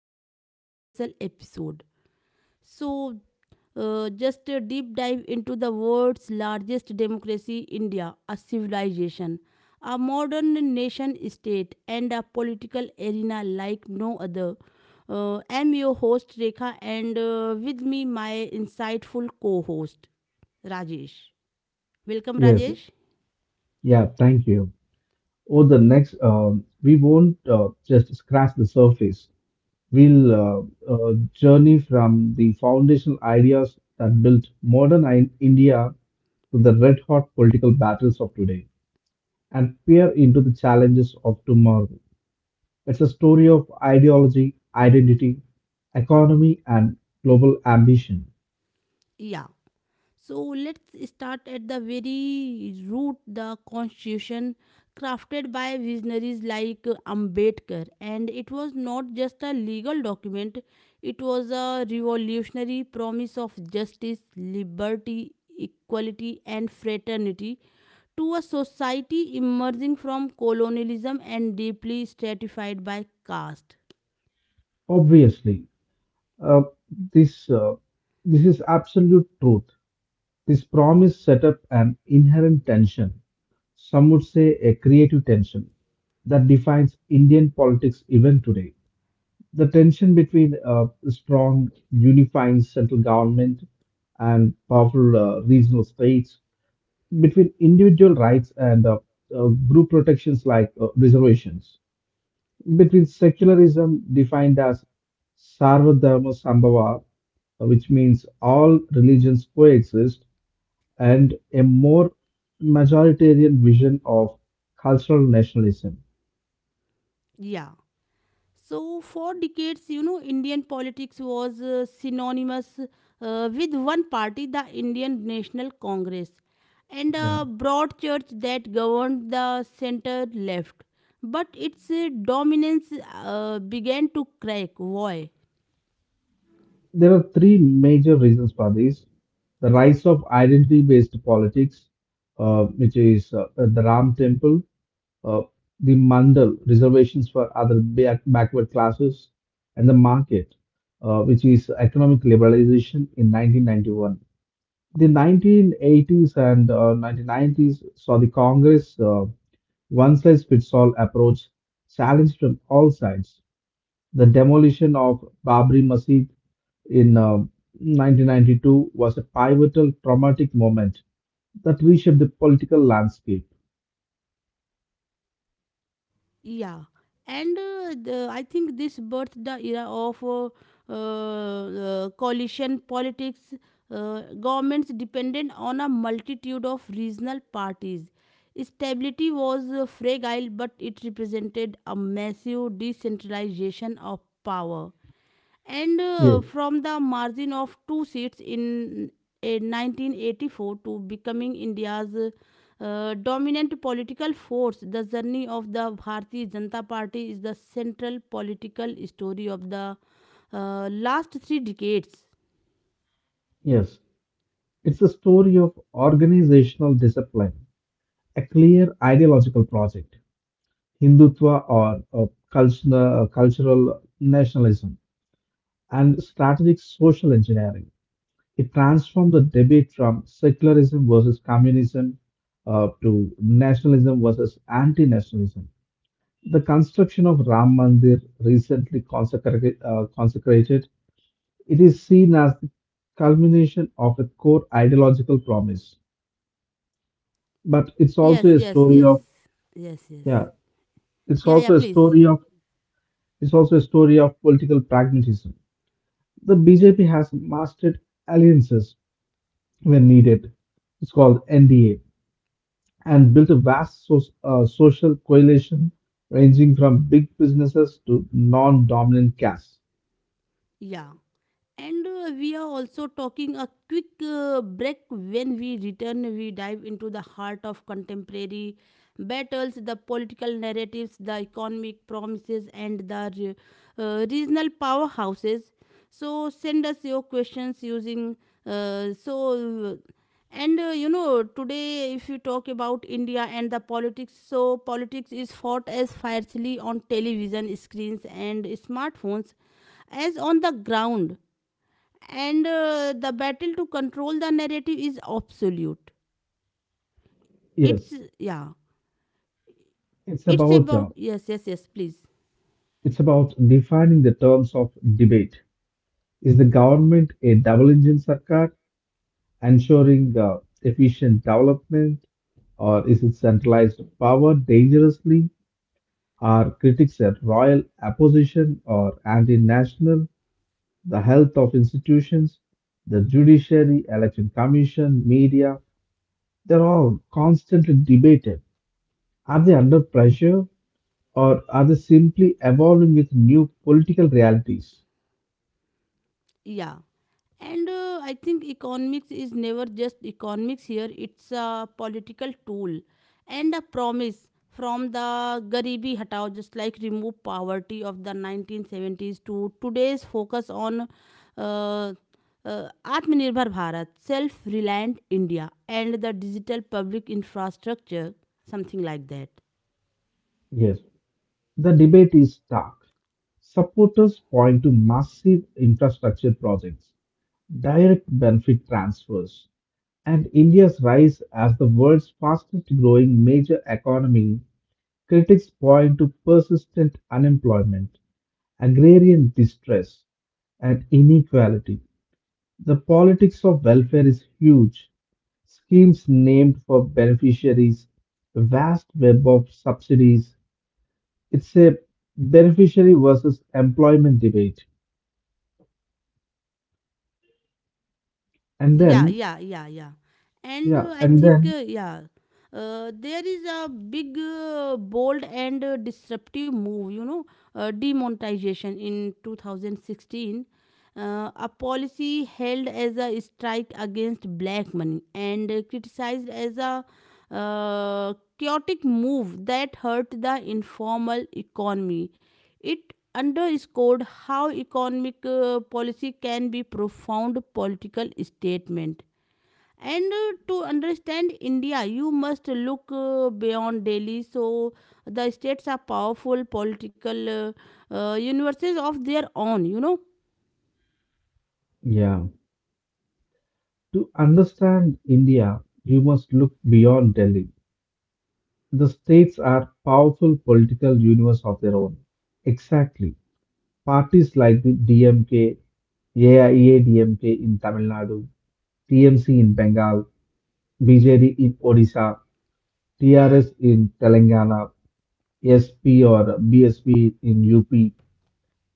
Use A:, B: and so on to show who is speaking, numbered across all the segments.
A: welcome to this special episode. So, just a deep dive into the world's largest democracy, India, a civilization, a modern nation state, and a political arena like no other. I'm your host, Rekha, and with me, my insightful co host, Rajesh. Welcome,
B: Yes,
A: Rajesh.
B: yeah, thank you. Oh, the next, we won't just scratch the surface. We'll journey from the foundational ideas that built modern I India to the red hot political battles of today and peer into the challenges of tomorrow. It's a story of ideology, identity, economy, and global ambition.
A: Yeah. So let's start at the very root, the constitution crafted by visionaries like Ambedkar, and it was not just a legal document, it was a revolutionary promise of justice, liberty, equality, and fraternity to a society emerging from colonialism and deeply stratified by caste.
B: Obviously, uh, this uh, this is absolute truth. This promise set up an inherent tension, some would say a creative tension, that defines Indian politics even today. The tension between a strong, unifying central government and powerful regional states, between individual rights and group protections like reservations, between secularism defined as Sarvadharma Sambhava, which means all religions coexist, and a more majoritarian vision of cultural nationalism.
A: Yeah. So, for decades, you know, Indian politics was synonymous with one party, the Indian National Congress, and a
B: Yeah.
A: broad church that governed the center left. But its dominance began to crack. Why?
B: There are three major reasons for this: the rise of identity based politics, which is the Ram Temple, uh, the Mandal reservations for other backward classes, and the market, which is economic liberalization in 1991. The 1980s and 1990s saw the Congress one-size-fits-all approach challenged from all sides. The demolition of Babri Masjid in 1992 was a pivotal traumatic moment that reshaped the political landscape.
A: Yeah, and I think this birthed the era of coalition politics. Governments depended on a multitude of regional parties. Stability was fragile, but it represented a massive decentralization of power, and
B: Yes,
A: from the margin of two seats in a 1984 to becoming India's dominant political force, the journey of the Bharatiya Janata Party is the central political story of the last three decades.
B: yes. It's a story of organizational discipline, a clear ideological project, Hindutva or cultural nationalism, and strategic social engineering. It transformed the debate from secularism versus communism to nationalism versus anti-nationalism. The construction of Ram Mandir, recently consecrated, it is seen as the culmination of a core ideological promise. But it's also
A: Yes,
B: a
A: yes,
B: story
A: yes,
B: of,
A: yes,
B: yeah,
A: yes.
B: it's
A: Yeah, yeah.
B: also a
A: Please.
B: story of political pragmatism. The BJP has mastered alliances when needed. It's called NDA and built a vast social coalition ranging from big businesses to non-dominant castes.
A: Yeah. And we are also talking a quick break. When we return, we dive into the heart of contemporary battles, the political narratives, the economic promises, and the regional powerhouses. So send us your questions using. So and You know, today if you talk about india and the politics, so politics is fought as fiercely on television screens and smartphones as on the ground, and the battle to control the narrative is absolute.
B: Yes,
A: It's Yeah.
B: it's
A: it's
B: about
A: about
B: uh,
A: Yes, yes, yes, please.
B: it's about defining the terms of debate. Is the government a double-engine sarkar, ensuring efficient development, or is it centralized power dangerously? Are critics at royal opposition or anti-national? The health of institutions, the judiciary, election commission, media, they're all constantly debated. Are they under pressure or are they simply evolving with new political realities?
A: Yeah. And I think economics is never just economics here, it's a political tool and a promise, from the Garibi Hatao, just like remove poverty, of the 1970s to today's focus on uh, Atmanirbhar Bharat, self reliant India, and the digital public infrastructure, something like that.
B: Yes, the debate is stark. Supporters point to massive infrastructure projects, direct benefit transfers, and India's rise as the world's fastest growing major economy. Critics point to persistent unemployment, agrarian distress, and inequality. The politics of welfare is huge. Schemes named for beneficiaries, a vast web of subsidies. It's a beneficiary versus employment debate. And
A: Yeah,
B: then,
A: yeah, yeah, yeah. And
B: yeah,
A: I think yeah, there is a big bold and disruptive move, you know, demonetization in 2016, a policy held as a strike against black money and criticized as a uh, chaotic move that hurt the informal economy. It underscored how economic policy can be profound political statement. And to understand India, you must look beyond Delhi. So the states are powerful political universes of their own. You know?
B: yeah, to understand India, you must look beyond Delhi. The states are powerful political universe of their own. Exactly. Parties like the DMK, AIA in Tamil Nadu, TMC in Bengal, BJD in Odisha, TRS in Telangana, SP or BSP in UP.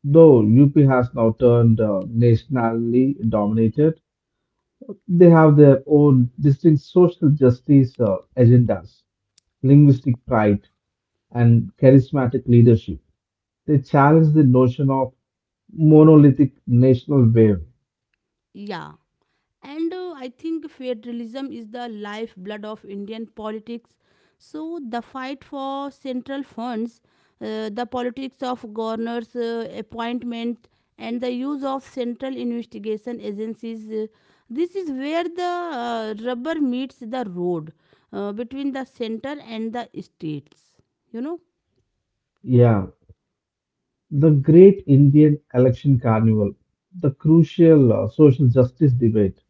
B: Though UP has now turned nationally dominated, they have their own distinct social justice agendas, linguistic pride, and charismatic leadership. They challenge the notion of monolithic national wave.
A: Yeah. And I think federalism is the lifeblood of Indian politics. So the fight for central funds, the politics of governors' appointment, and the use of central investigation agencies. This is where the rubber meets the road between the center and the states. You know?
B: Yeah, the great Indian election carnival, the crucial social justice debate,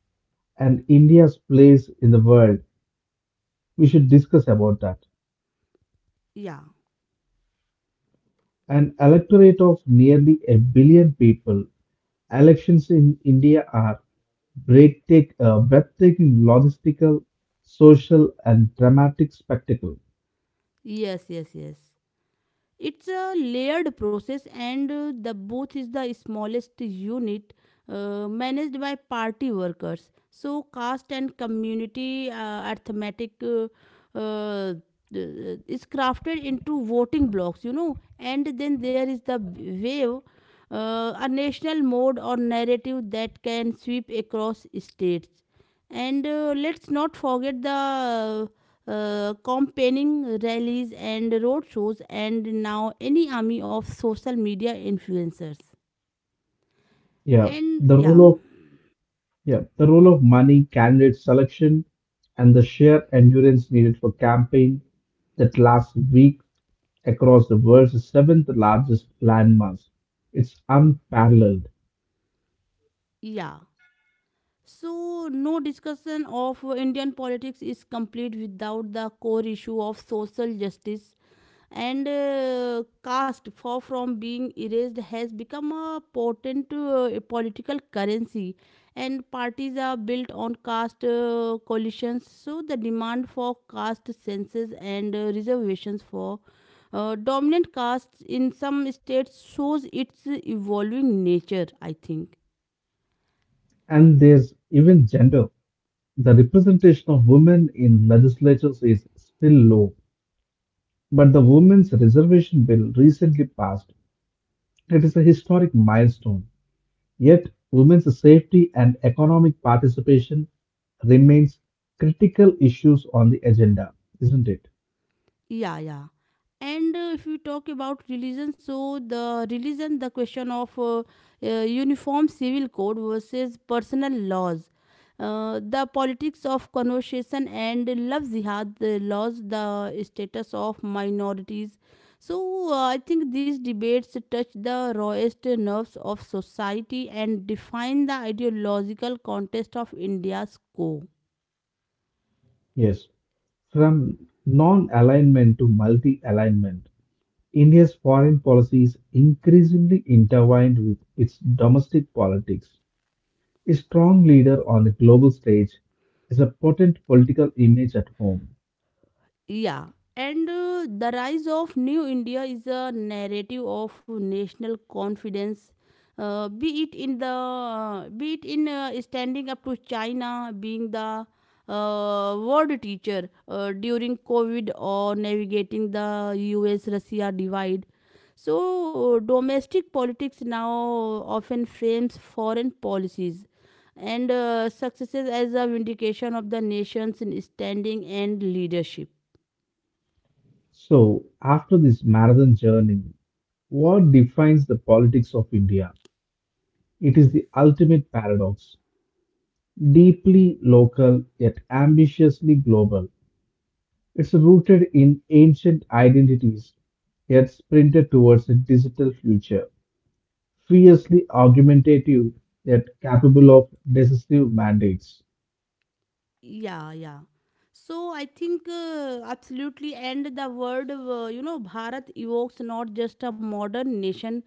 B: and India's place in the world, we should discuss about that.
A: Yeah.
B: An electorate of nearly a billion people, elections in India are breathtaking logistical, social, and dramatic spectacle.
A: Yes, yes, yes. It's a layered process, and the booth is the smallest unit managed by party workers, so caste and community arithmetic uh, is crafted into voting blocks, you know, and then there is the wave, a national mode or narrative that can sweep across states. And let's not forget the campaigning, rallies, and road shows, and now any army of social media influencers.
B: Yeah,
A: And
B: the
A: yeah,
B: role of yeah, the role of money, candidate selection, and the sheer endurance needed for campaign that lasts week across the world's seventh largest landmass. It's unparalleled.
A: yeah. So, no discussion of Indian politics is complete without the core issue of social justice, and caste, far from being erased, has become a potent political currency. And parties are built on caste coalitions, so the demand for caste census and reservations for dominant castes in some states shows its evolving nature, I think.
B: And there's even gender. The representation of women in legislatures is still low, but the Women's Reservation Bill recently passed. It is a historic milestone. Yet, women's safety and economic participation remains critical issues on the agenda, isn't it?
A: Yeah, yeah. And if we talk about religion, the question of uniform civil code versus personal laws, the politics of conversation and love jihad, the laws, the status of minorities, so I think these debates touch the rawest nerves of society and define the ideological context of india's core.
B: Yes. From non-alignment to multi-alignment, India's foreign policy is increasingly intertwined with its domestic politics. A strong leader on the global stage is a potent political image at home.
A: Yeah, and the rise of New India is a narrative of national confidence. Be it in standing up to China, being the world teacher during COVID, or navigating the U.S.-Russia divide. So domestic politics now often frames foreign policies and successes as a vindication of the nation's standing and leadership.
B: So, after this marathon journey, what defines the politics of India? It is the ultimate paradox, deeply local yet ambitiously global. It's rooted in ancient identities yet sprinted towards a digital future, fiercely argumentative yet capable of decisive mandates.
A: 呀呀，So I think absolutely, and the word you know Bharat evokes not just a modern nation,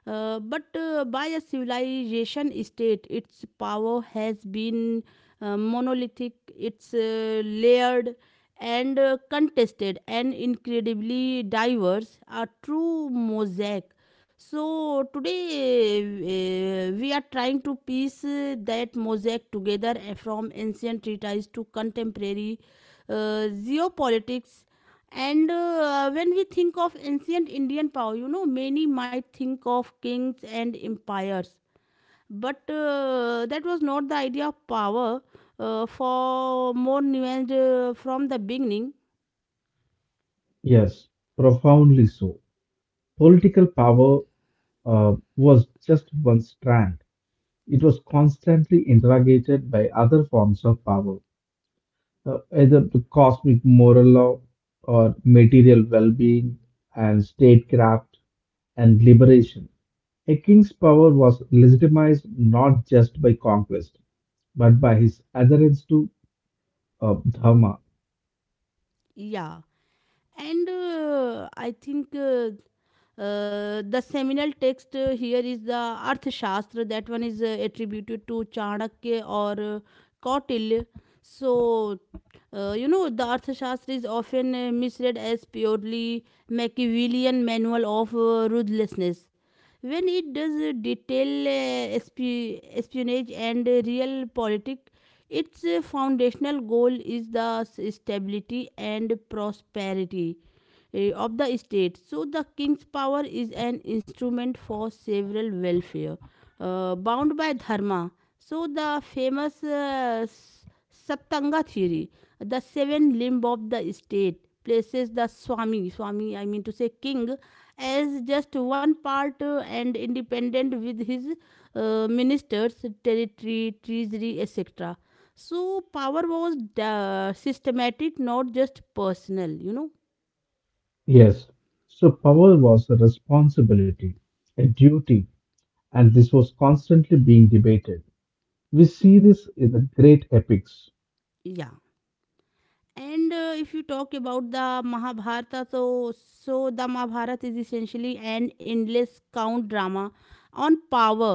A: but by a civilization state. Its power has been monolithic, it's layered and contested, and incredibly diverse. A true mosaic. So today we are trying to piece that mosaic together, from ancient treatises to contemporary geopolitics. And when we think of ancient indian power, you know, many might think of kings and empires, but that was not the idea of power, for more nuanced from the beginning.
B: Yes, profoundly so. Political power was just one strand. It was constantly interrogated by other forms of power, either the cosmic moral law or material well being and statecraft and liberation. A king's power was legitimized not just by conquest, but by his adherence to Dharma.
A: Yeah, and I think the seminal text here is the Arthashastra, that one is attributed to Chanakya or Kautilya. So, you know, the Arthashastra is often misread as purely Machiavellian manual of ruthlessness. When it does detail espionage and real politics, its foundational goal is the stability and prosperity of the state, so the king's power is an instrument for several welfare bound by dharma. So the famous Saptanga theory, the seven limb of the state, places the Swami, I mean to say king, as just one part and independent with his ministers, territory, treasury, etc. So power was systematic, not just personal, you know.
B: Yes, so power was a responsibility, a duty, and this was constantly being debated. We see this in the great epics,
A: Yeah. And if you talk about the Mahabharata, so the Mahabharata is essentially an endless count drama on power.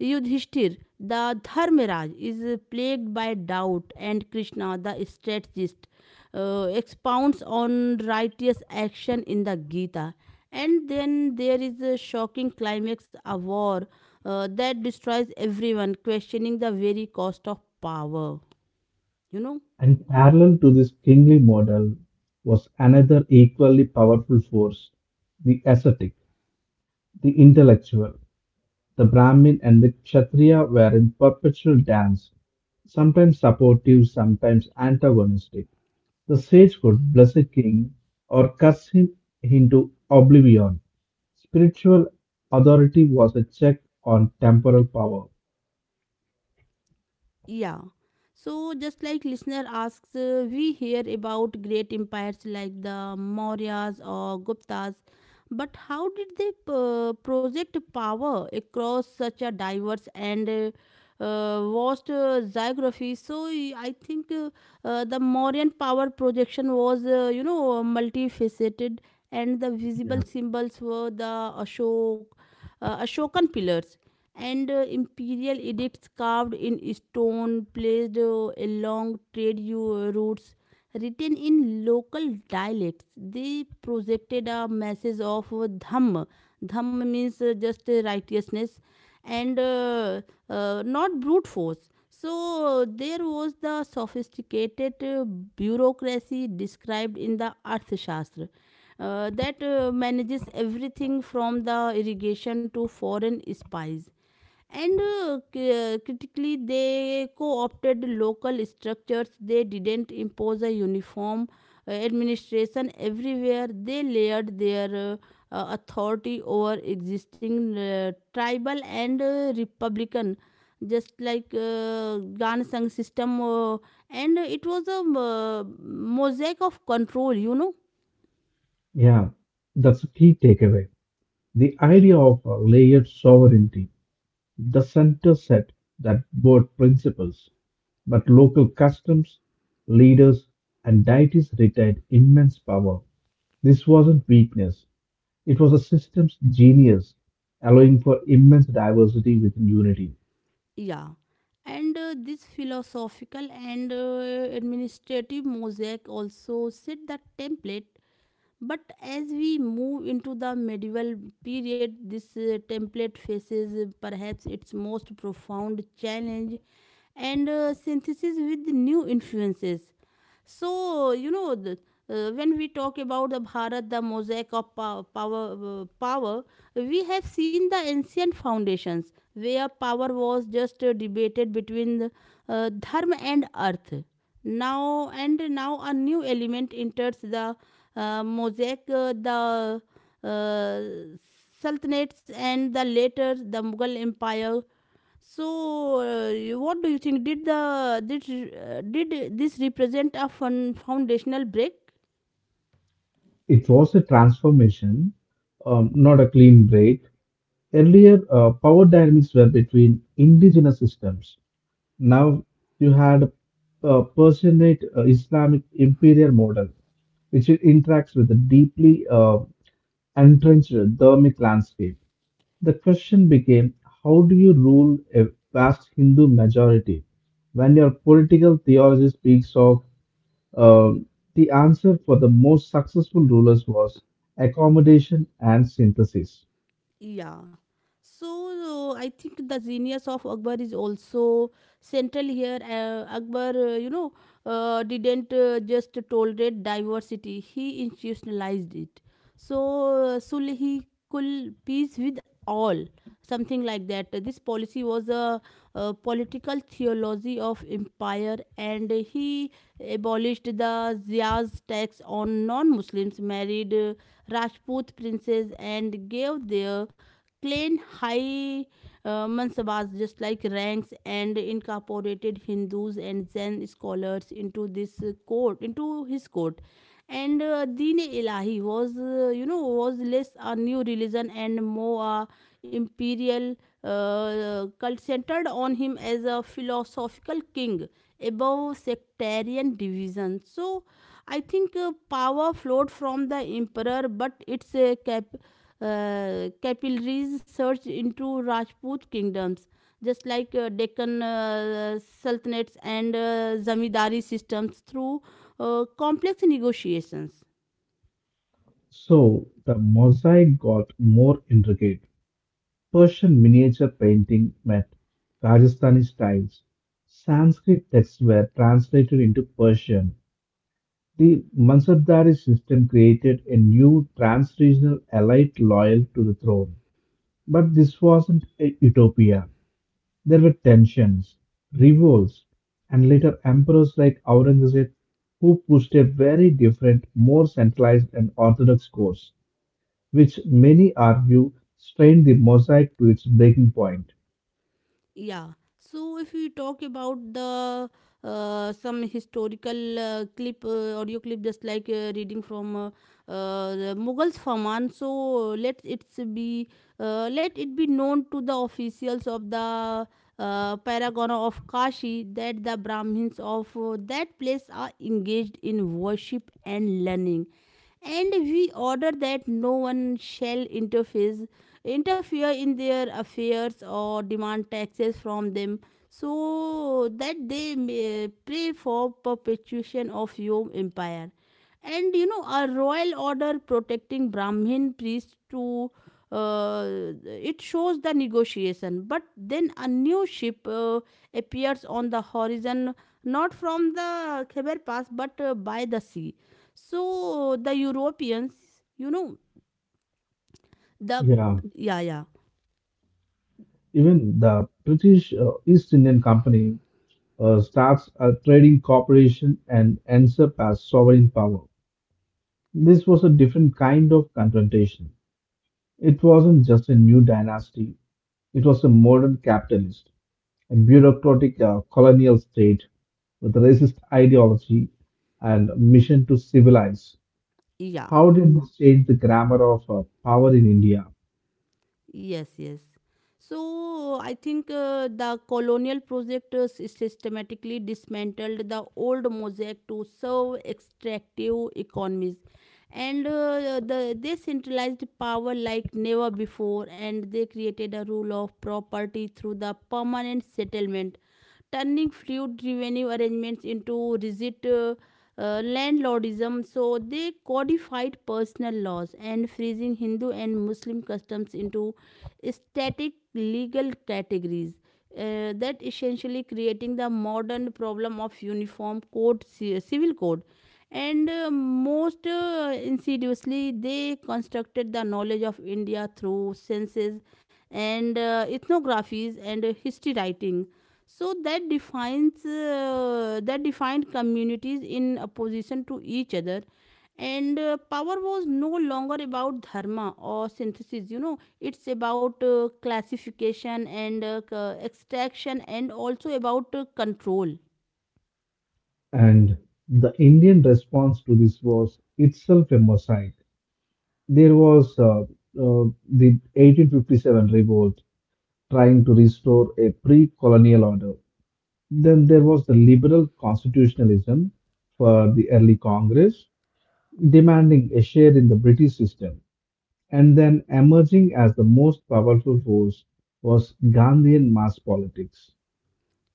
A: Yudhishthir, the Dharmiraj, is plagued by doubt, and Krishna, the strategist, expounds on righteous action in the Gita. And then there is a shocking climax, a war that destroys everyone, questioning the very cost of power. You know.
B: and parallel to this kingly model was another equally powerful force, the ascetic, the intellectual. The Brahmin and the Kshatriya were in perpetual dance, sometimes supportive, sometimes antagonistic. The sage could bless a king or curse him into oblivion. Spiritual authority was a check on temporal power.
A: Yeah. So, just like listener asks, we hear about great empires like the Mauryas or Guptas, but how did they project power across such a diverse and vast geography? So y- I think The Mauryan power projection was, you know, multifaceted, and the visible
B: Yeah.
A: symbols were the Ashok, Ashokan pillars and imperial edicts carved in stone placed along trade routes, written in local dialects. They projected a message of Dhamma. Dhamma means just righteousness and not brute force. So there was the sophisticated bureaucracy described in the Arthashastra. That manages everything from the irrigation to foreign spies, and critically they co-opted local structures, they didn't impose a uniform administration everywhere. They layered their authority over existing tribal and republican, just like gansang system, and it was a mosaic of control, you know.
B: Yeah, that's a key takeaway. The idea of a layered sovereignty, the center set that both principles, but local customs, leaders, and deities retained immense power. This wasn't weakness, it was a system's genius, allowing for immense diversity within unity.
A: Yeah, and this philosophical and administrative mosaic also set the template. But as we move into the medieval period, this template faces perhaps its most profound challenge and synthesis with new influences. So, you know, when we talk about the Bharat, the mosaic of power, we have seen the ancient foundations where power was just debated between dharma and earth. Now a new element enters the mosaic, the uh, sultanates and the later the Mughal Empire. So, what do you think? Did the did this represent a fun foundational break?
B: It was a transformation, not a clean break. Earlier, power dynamics were between indigenous systems. Now you had a personate Islamic imperial model, which it interacts with a deeply entrenched Dharmic landscape. The question became, how do you rule a vast Hindu majority when your political theology speaks of? uh, the answer for the most successful rulers was accommodation and synthesis.
A: Yeah. So I think the genius of Akbar is also central here. Akbar, you know, didn't just tolerate diversity; he institutionalized it. So Sulhikul peace with all, something like that. This policy was a political theology of empire, and he abolished the Ziyaz tax on non-Muslims, married Rajput princes, and gave their clan high mansabas, just like ranks, and incorporated hindus and zen scholars into this court into his court. And deen ilahi was you know was less a new religion and more a imperial cult centered on him as a philosophical king above sectarian division. So I think power flowed from the emperor, but its capillaries surged into rajput kingdoms, just like Deccan sultanates and zamindari systems through complex negotiations.
B: So the mosaic got more intricate. Persian miniature painting met Rajasthani styles. Sanskrit texts were translated into Persian. The Mansabdari system created a new trans-regional elite loyal to the throne. But this wasn't a utopia. There were tensions, revolts, and later emperors like Aurangzeb who pushed a very different, more centralized and orthodox course, which many argue strained the mosaic to its breaking point.
A: Yeah. So if we talk about the some historical audio clip, just like reading from the Mughals Farman. So be let it be known to the officials of the Paragon of Kashi that the Brahmins of that place are engaged in worship and learning, and we order that no one shall interfere in their affairs or demand taxes from them, so that they may pray for perpetuation of your empire. And you know, a royal order protecting brahmin priests to uh, it shows the negotiation. But then a new ship appears on the horizon, not from the Khyber Pass but by the sea. So the Europeans, you know the
B: Yeah.
A: yeah yeah
B: Even the British East Indian Company starts a trading corporation and ends up as sovereign power. This was a different kind of confrontation. It wasn't just a new dynasty, it was a modern capitalist, a bureaucratic colonial state with racist ideology and mission to civilize.
A: yeah
B: How did this change the grammar of power in India?
A: Yes, yes. So I think the colonial project systematically dismantled the old mosaic to serve extractive economies, and they centralized power like never before, and they created a rule of property through the permanent settlement, turning feud revenue arrangements into rigid. Landlordism. So they codified personal laws and freezing Hindu and Muslim customs into static legal categories. That essentially creating the modern problem of uniform code, civil code. And most insidiously, they constructed the knowledge of India through census and ethnographies and history writing, so that defines that defined communities in opposition to each other. And power was no longer about dharma or synthesis, you know, it's about classification and extraction, and also about control.
B: And the Indian response to this was itself a mosaic. There was the 1857 revolt trying to restore a pre colonial order. Then there was the liberal constitutionalism for the early Congress, demanding a share in the British system. And then emerging as the most powerful force was Gandhian mass politics.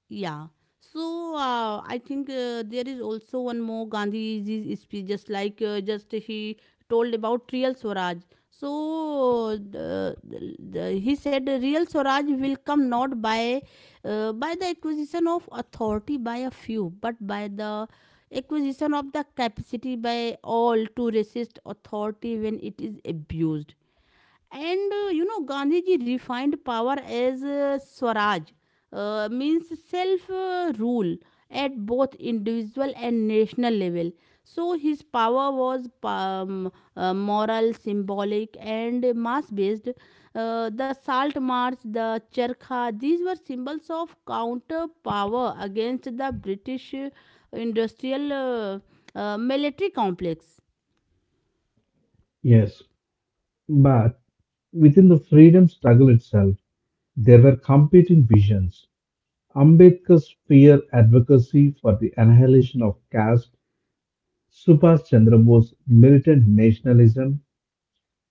A: Yeah. So I think there is also one more Gandhi's speech, just like just he told about real Swaraj. So he said real Swaraj will come not by by the acquisition of authority by a few, but by the acquisition of the capacity by all to resist authority when it is abused. And you know, Gandhiji defined power as Swaraj, means self rule at both individual and national level. So his power was moral, symbolic, and mass based. The salt march, the charkha, these were symbols of counter power against the British industrial military complex.
B: Yes, but within the freedom struggle itself, there were competing visions: Ambedkar's fear advocacy for the annihilation of caste, Subhas Chandra Bose's militant nationalism,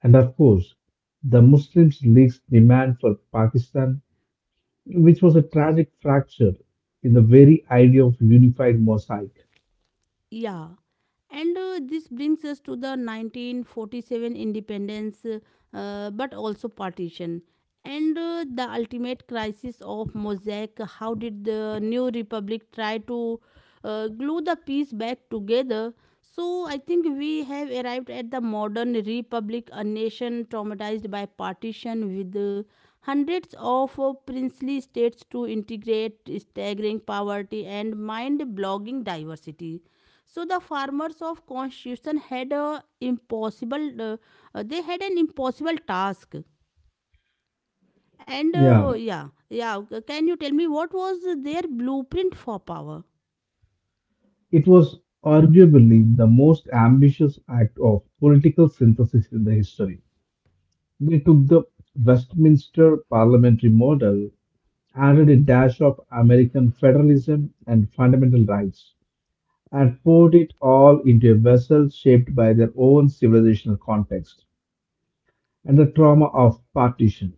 B: and of course, the Muslim League's demand for Pakistan, which was a tragic fracture in the very idea of unified mosaic.
A: Yeah. And this brings us to the 1947 independence, but also partition. And the ultimate crisis of Mosaic. How did the new republic try to glue the piece back together? So I think we have arrived at the modern republic, a nation traumatized by partition with hundreds of princely states to integrate, staggering poverty and mind blogging diversity. So the farmers of constitution had a impossible they had an impossible task. And
B: Yeah,
A: can you tell me what was their blueprint for power?
B: it was arguably the most ambitious act of political synthesis in the history. They took the Westminster parliamentary model, added a dash of American federalism and fundamental rights, and poured it all into a vessel shaped by their own civilizational context and the trauma of partition.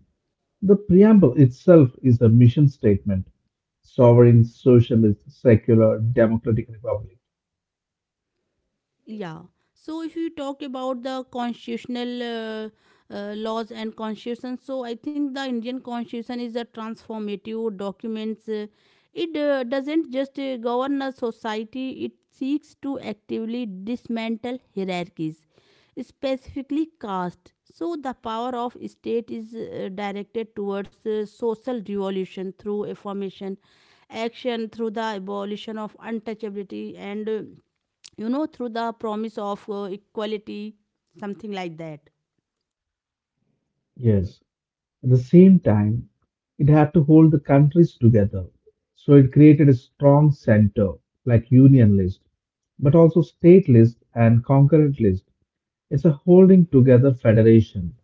B: The preamble itself is a mission statement: sovereign, socialist, secular, democratic republic.
A: Yeah. So if you talk about the constitutional laws and constitution, so I think the Indian constitution is a transformative document. It doesn't just govern a society, it seeks to actively dismantle hierarchies, specifically caste. So the power of state is directed towards social revolution through affirmation, action through the abolition of untouchability and you know, through the promise of equality, something like that.
B: Yes. At the same time, it had to hold the countries together. So it created a strong center like Union List, but also State List and Concurrent List. It's a holding together federation,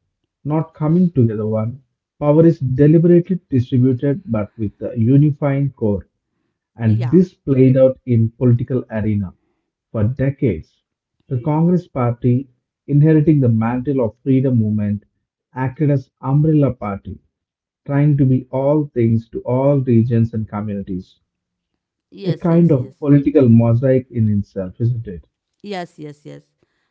B: not coming together one. Power is deliberately distributed but with a unifying core, and
A: yeah
B: this played out in political arena for decades. The Congress Party, inheriting the mantle of freedom movement, acted as umbrella party, trying to be all things to all regions and communities. A
A: yes
B: kind
A: yes yes
B: of political mosaic in itself, isn't it?
A: Yes, yes, yes.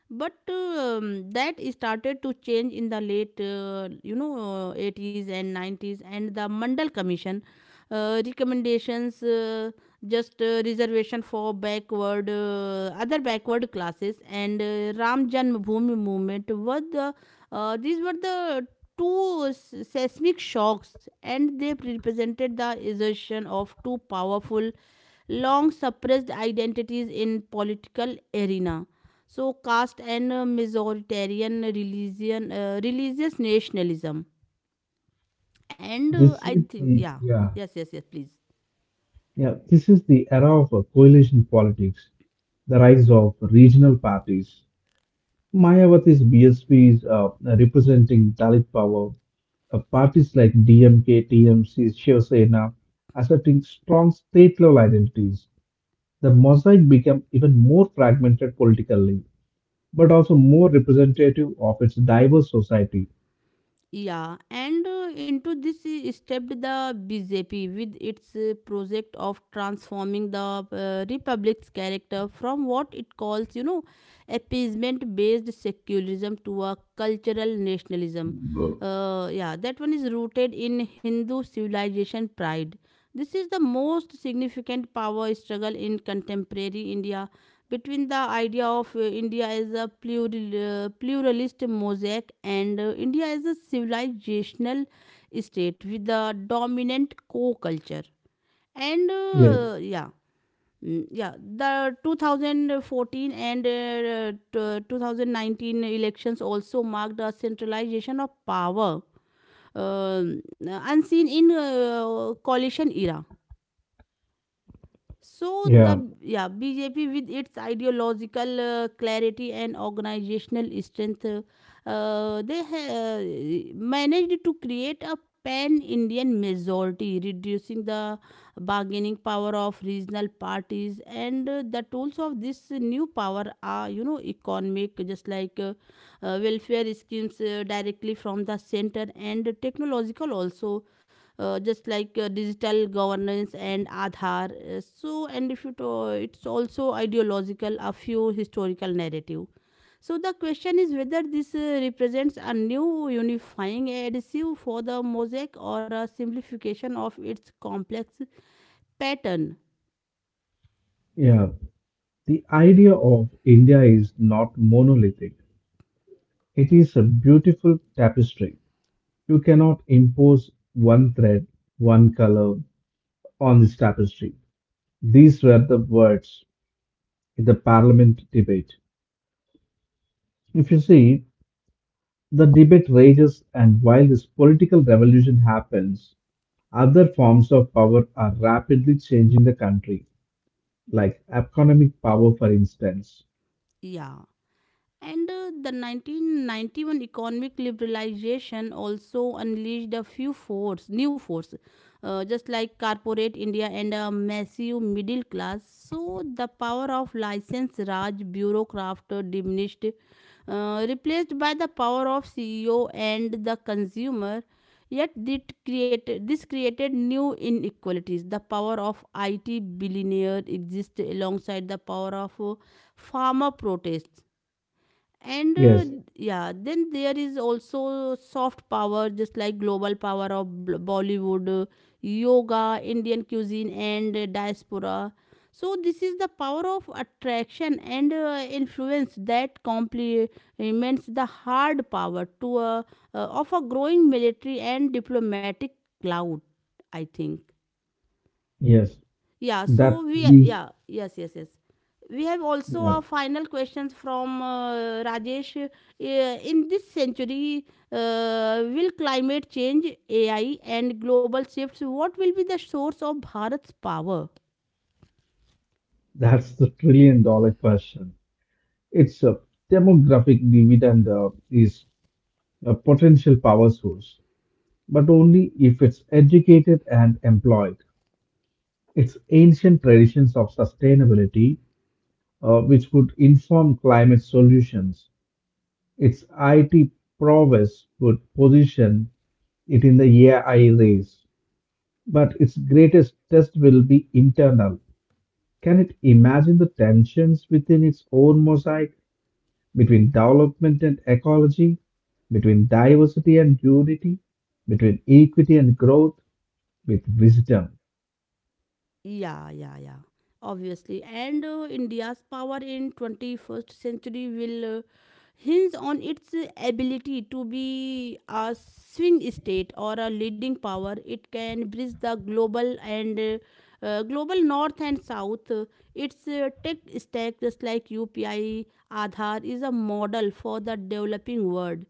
A: But that started to change in the late, eighties and nineties, and the Mandal Commission recommendations just reservation for backward, other backward classes, and Ram Janmabhoomi movement were the uh, these were the two seismic shocks, and they represented the assertion of two powerful long suppressed identities in political arena. So caste and majoritarian religion, religious nationalism, and
B: This
A: I
B: is
A: think
B: the
A: yeah,
B: yeah.
A: yes, yes, yes, please.
B: Yeah, this is the era of coalition politics, the rise of regional parties. Mayawati's BSP is representing Dalit power. Parties like DMK, TMC, Shiv Sena asserting strong state level identities. The mosaic became even more fragmented politically, but also more representative of its diverse society.
A: Yeah, and into this stepped the BJP with its project of transforming the republic's character from what it calls, you know, appeasement based secularism to a cultural nationalism.
B: Bro.
A: Yeah, that one is rooted in Hindu civilization pride. This is the most significant power struggle in contemporary India between the idea of India as a plural, pluralist mosaic and India as a civilizational state with a dominant co culture. And
B: Yeah,
A: yeah. Yeah, the 2014 and 2019 elections also marked a centralization of power unseen in coalition era. So the
B: yeah,
A: yeah BJP with its ideological clarity and organizational strength, managed to create a pan-Indian majority, reducing the bargaining power of regional parties. And the tools of this new power are, you know, economic, just like welfare schemes directly from the center, and technological also, just like digital governance and Aadhaar. So, and if you to, it's also ideological, a few historical narrative. So the question is whether this represents a new unifying adhesive for the mosaic or a simplification of its complex pattern.
B: yeah. The idea of India is not monolithic. It is a beautiful tapestry. You cannot impose one thread, one color on this tapestry. These were the words in the parliament debate. If you see, the debate rages, and while this political revolution happens, other forms of power are rapidly changing the country, like economic power, for instance.
A: Yeah. And the 1991 economic liberalization also unleashed a few new force, just like corporate India and a massive middle class. So the power of license Raj bureaucrat diminished, replaced by the power of CEO and the consumer. Yet this created new inequalities. The power of IT billionaire exists alongside the power of farmer protests. And
B: Yes,
A: yeah, then there is also soft power, just like global power of Bollywood, yoga, Indian cuisine and diaspora. So this is the power of attraction and influence that complements the hard power to of a growing military and diplomatic cloud, I think.
B: yes,
A: yeah
B: that
A: so we
B: leaves,
A: yeah yes yes yes we have also
B: yeah,
A: a final question from Rajesh. In this century, will climate change, AI, and global shifts, what will be the source of Bharat's power?
B: that's the trillion dollar question. Its demographic dividend is a potential power source, but only if it's educated and employed. Its ancient traditions of sustainability, which would inform climate solutions, its IT prowess would position it in the AI race. But its greatest test will be internal. Can it imagine the tensions within its own mosaic? Between development and ecology, between diversity and unity, between equity and growth, with wisdom.
A: Yeah, yeah, yeah. Obviously. And India's power in 21st century will hinge on its ability to be a swing state or a leading power. It can bridge the global north and south. Its tech stack, just like UPI, Aadhaar, is a model for the developing world.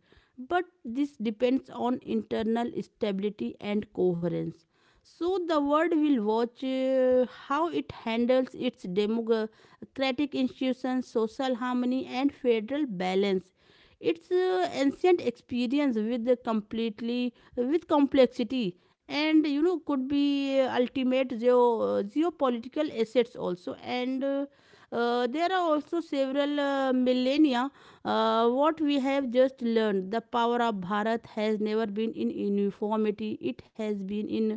A: But this depends on internal stability and coherence. So the world will watch how it handles its democratic institutions, social harmony, and federal balance. Its ancient experience with the completely with complexity, and you know, could be ultimate geopolitical assets also. And there are also several millennia. What we have just learned, the power of Bharat has never been in uniformity, it has been in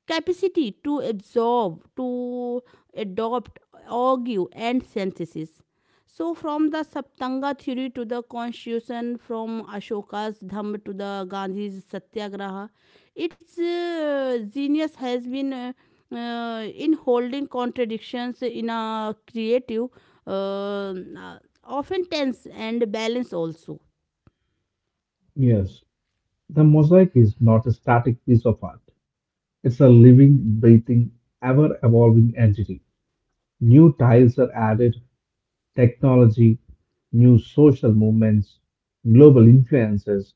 A: capacity to absorb, to adopt, argue, and synthesis. So, from the Saptanga theory to the constitution, from Ashoka's Dhamma to the Gandhi's Satyagraha, its genius has been in holding contradictions in a creative, uh, uh, often tense, and balance also.
B: Yes, the mosaic is not a static piece of art. It's a living, breathing, ever evolving entity. New tiles are added: technology, new social movements, global influences;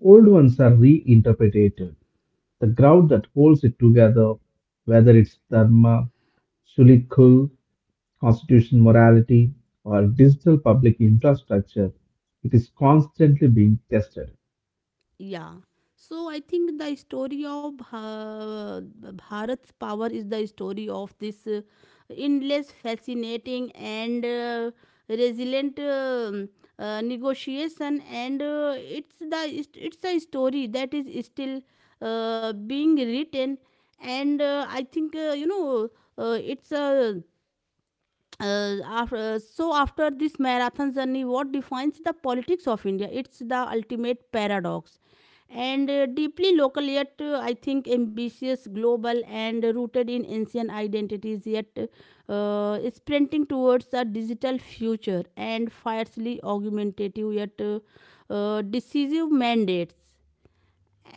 B: old ones are reinterpreted. The ground that holds it together, whether it's Dharma, Sulikul, constitution morality, or digital public infrastructure, it is constantly being tested.
A: Yeah. So I think the story of Bharat's power is the story of this endless, fascinating, and resilient negotiation. And it's the it's a story that is still being written. And I think uh, it's a so after this marathon journey, what defines the politics of India? It's the ultimate paradox, and deeply local, yet I think ambitious global, and rooted in ancient identities, yet is sprinting towards a digital future, and fiercely argumentative, yet decisive mandates.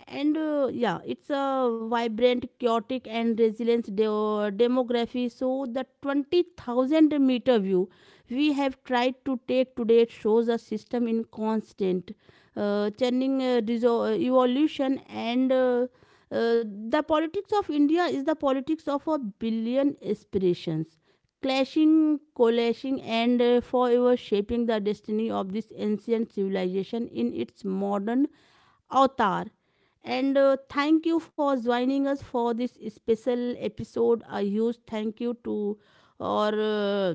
A: And yeah, it's a vibrant, chaotic, and resilient demography. So the 20,000 meter view we have tried to take today shows a system in constant churning, evolution, and uh, the politics of India is the politics of a billion aspirations clashing, collashing, and forever shaping the destiny of this ancient civilization in its modern Avatar. And thank you for joining us for this special episode. A huge thank you to our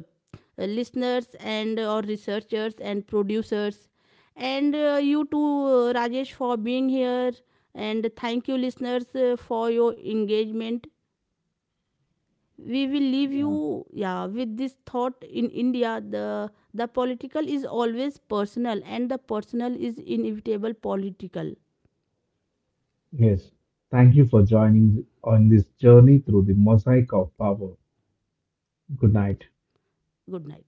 A: listeners and our researchers and producers. And you too, Rajesh, for being here. And thank you, listeners, for your engagement. We will leave
B: Yeah.
A: you, yeah, with this thought: in India the political is always personal, and the personal is inevitable political.
B: Yes. Thank you for joining on this journey through the mosaic of power. Good night.
A: Good night.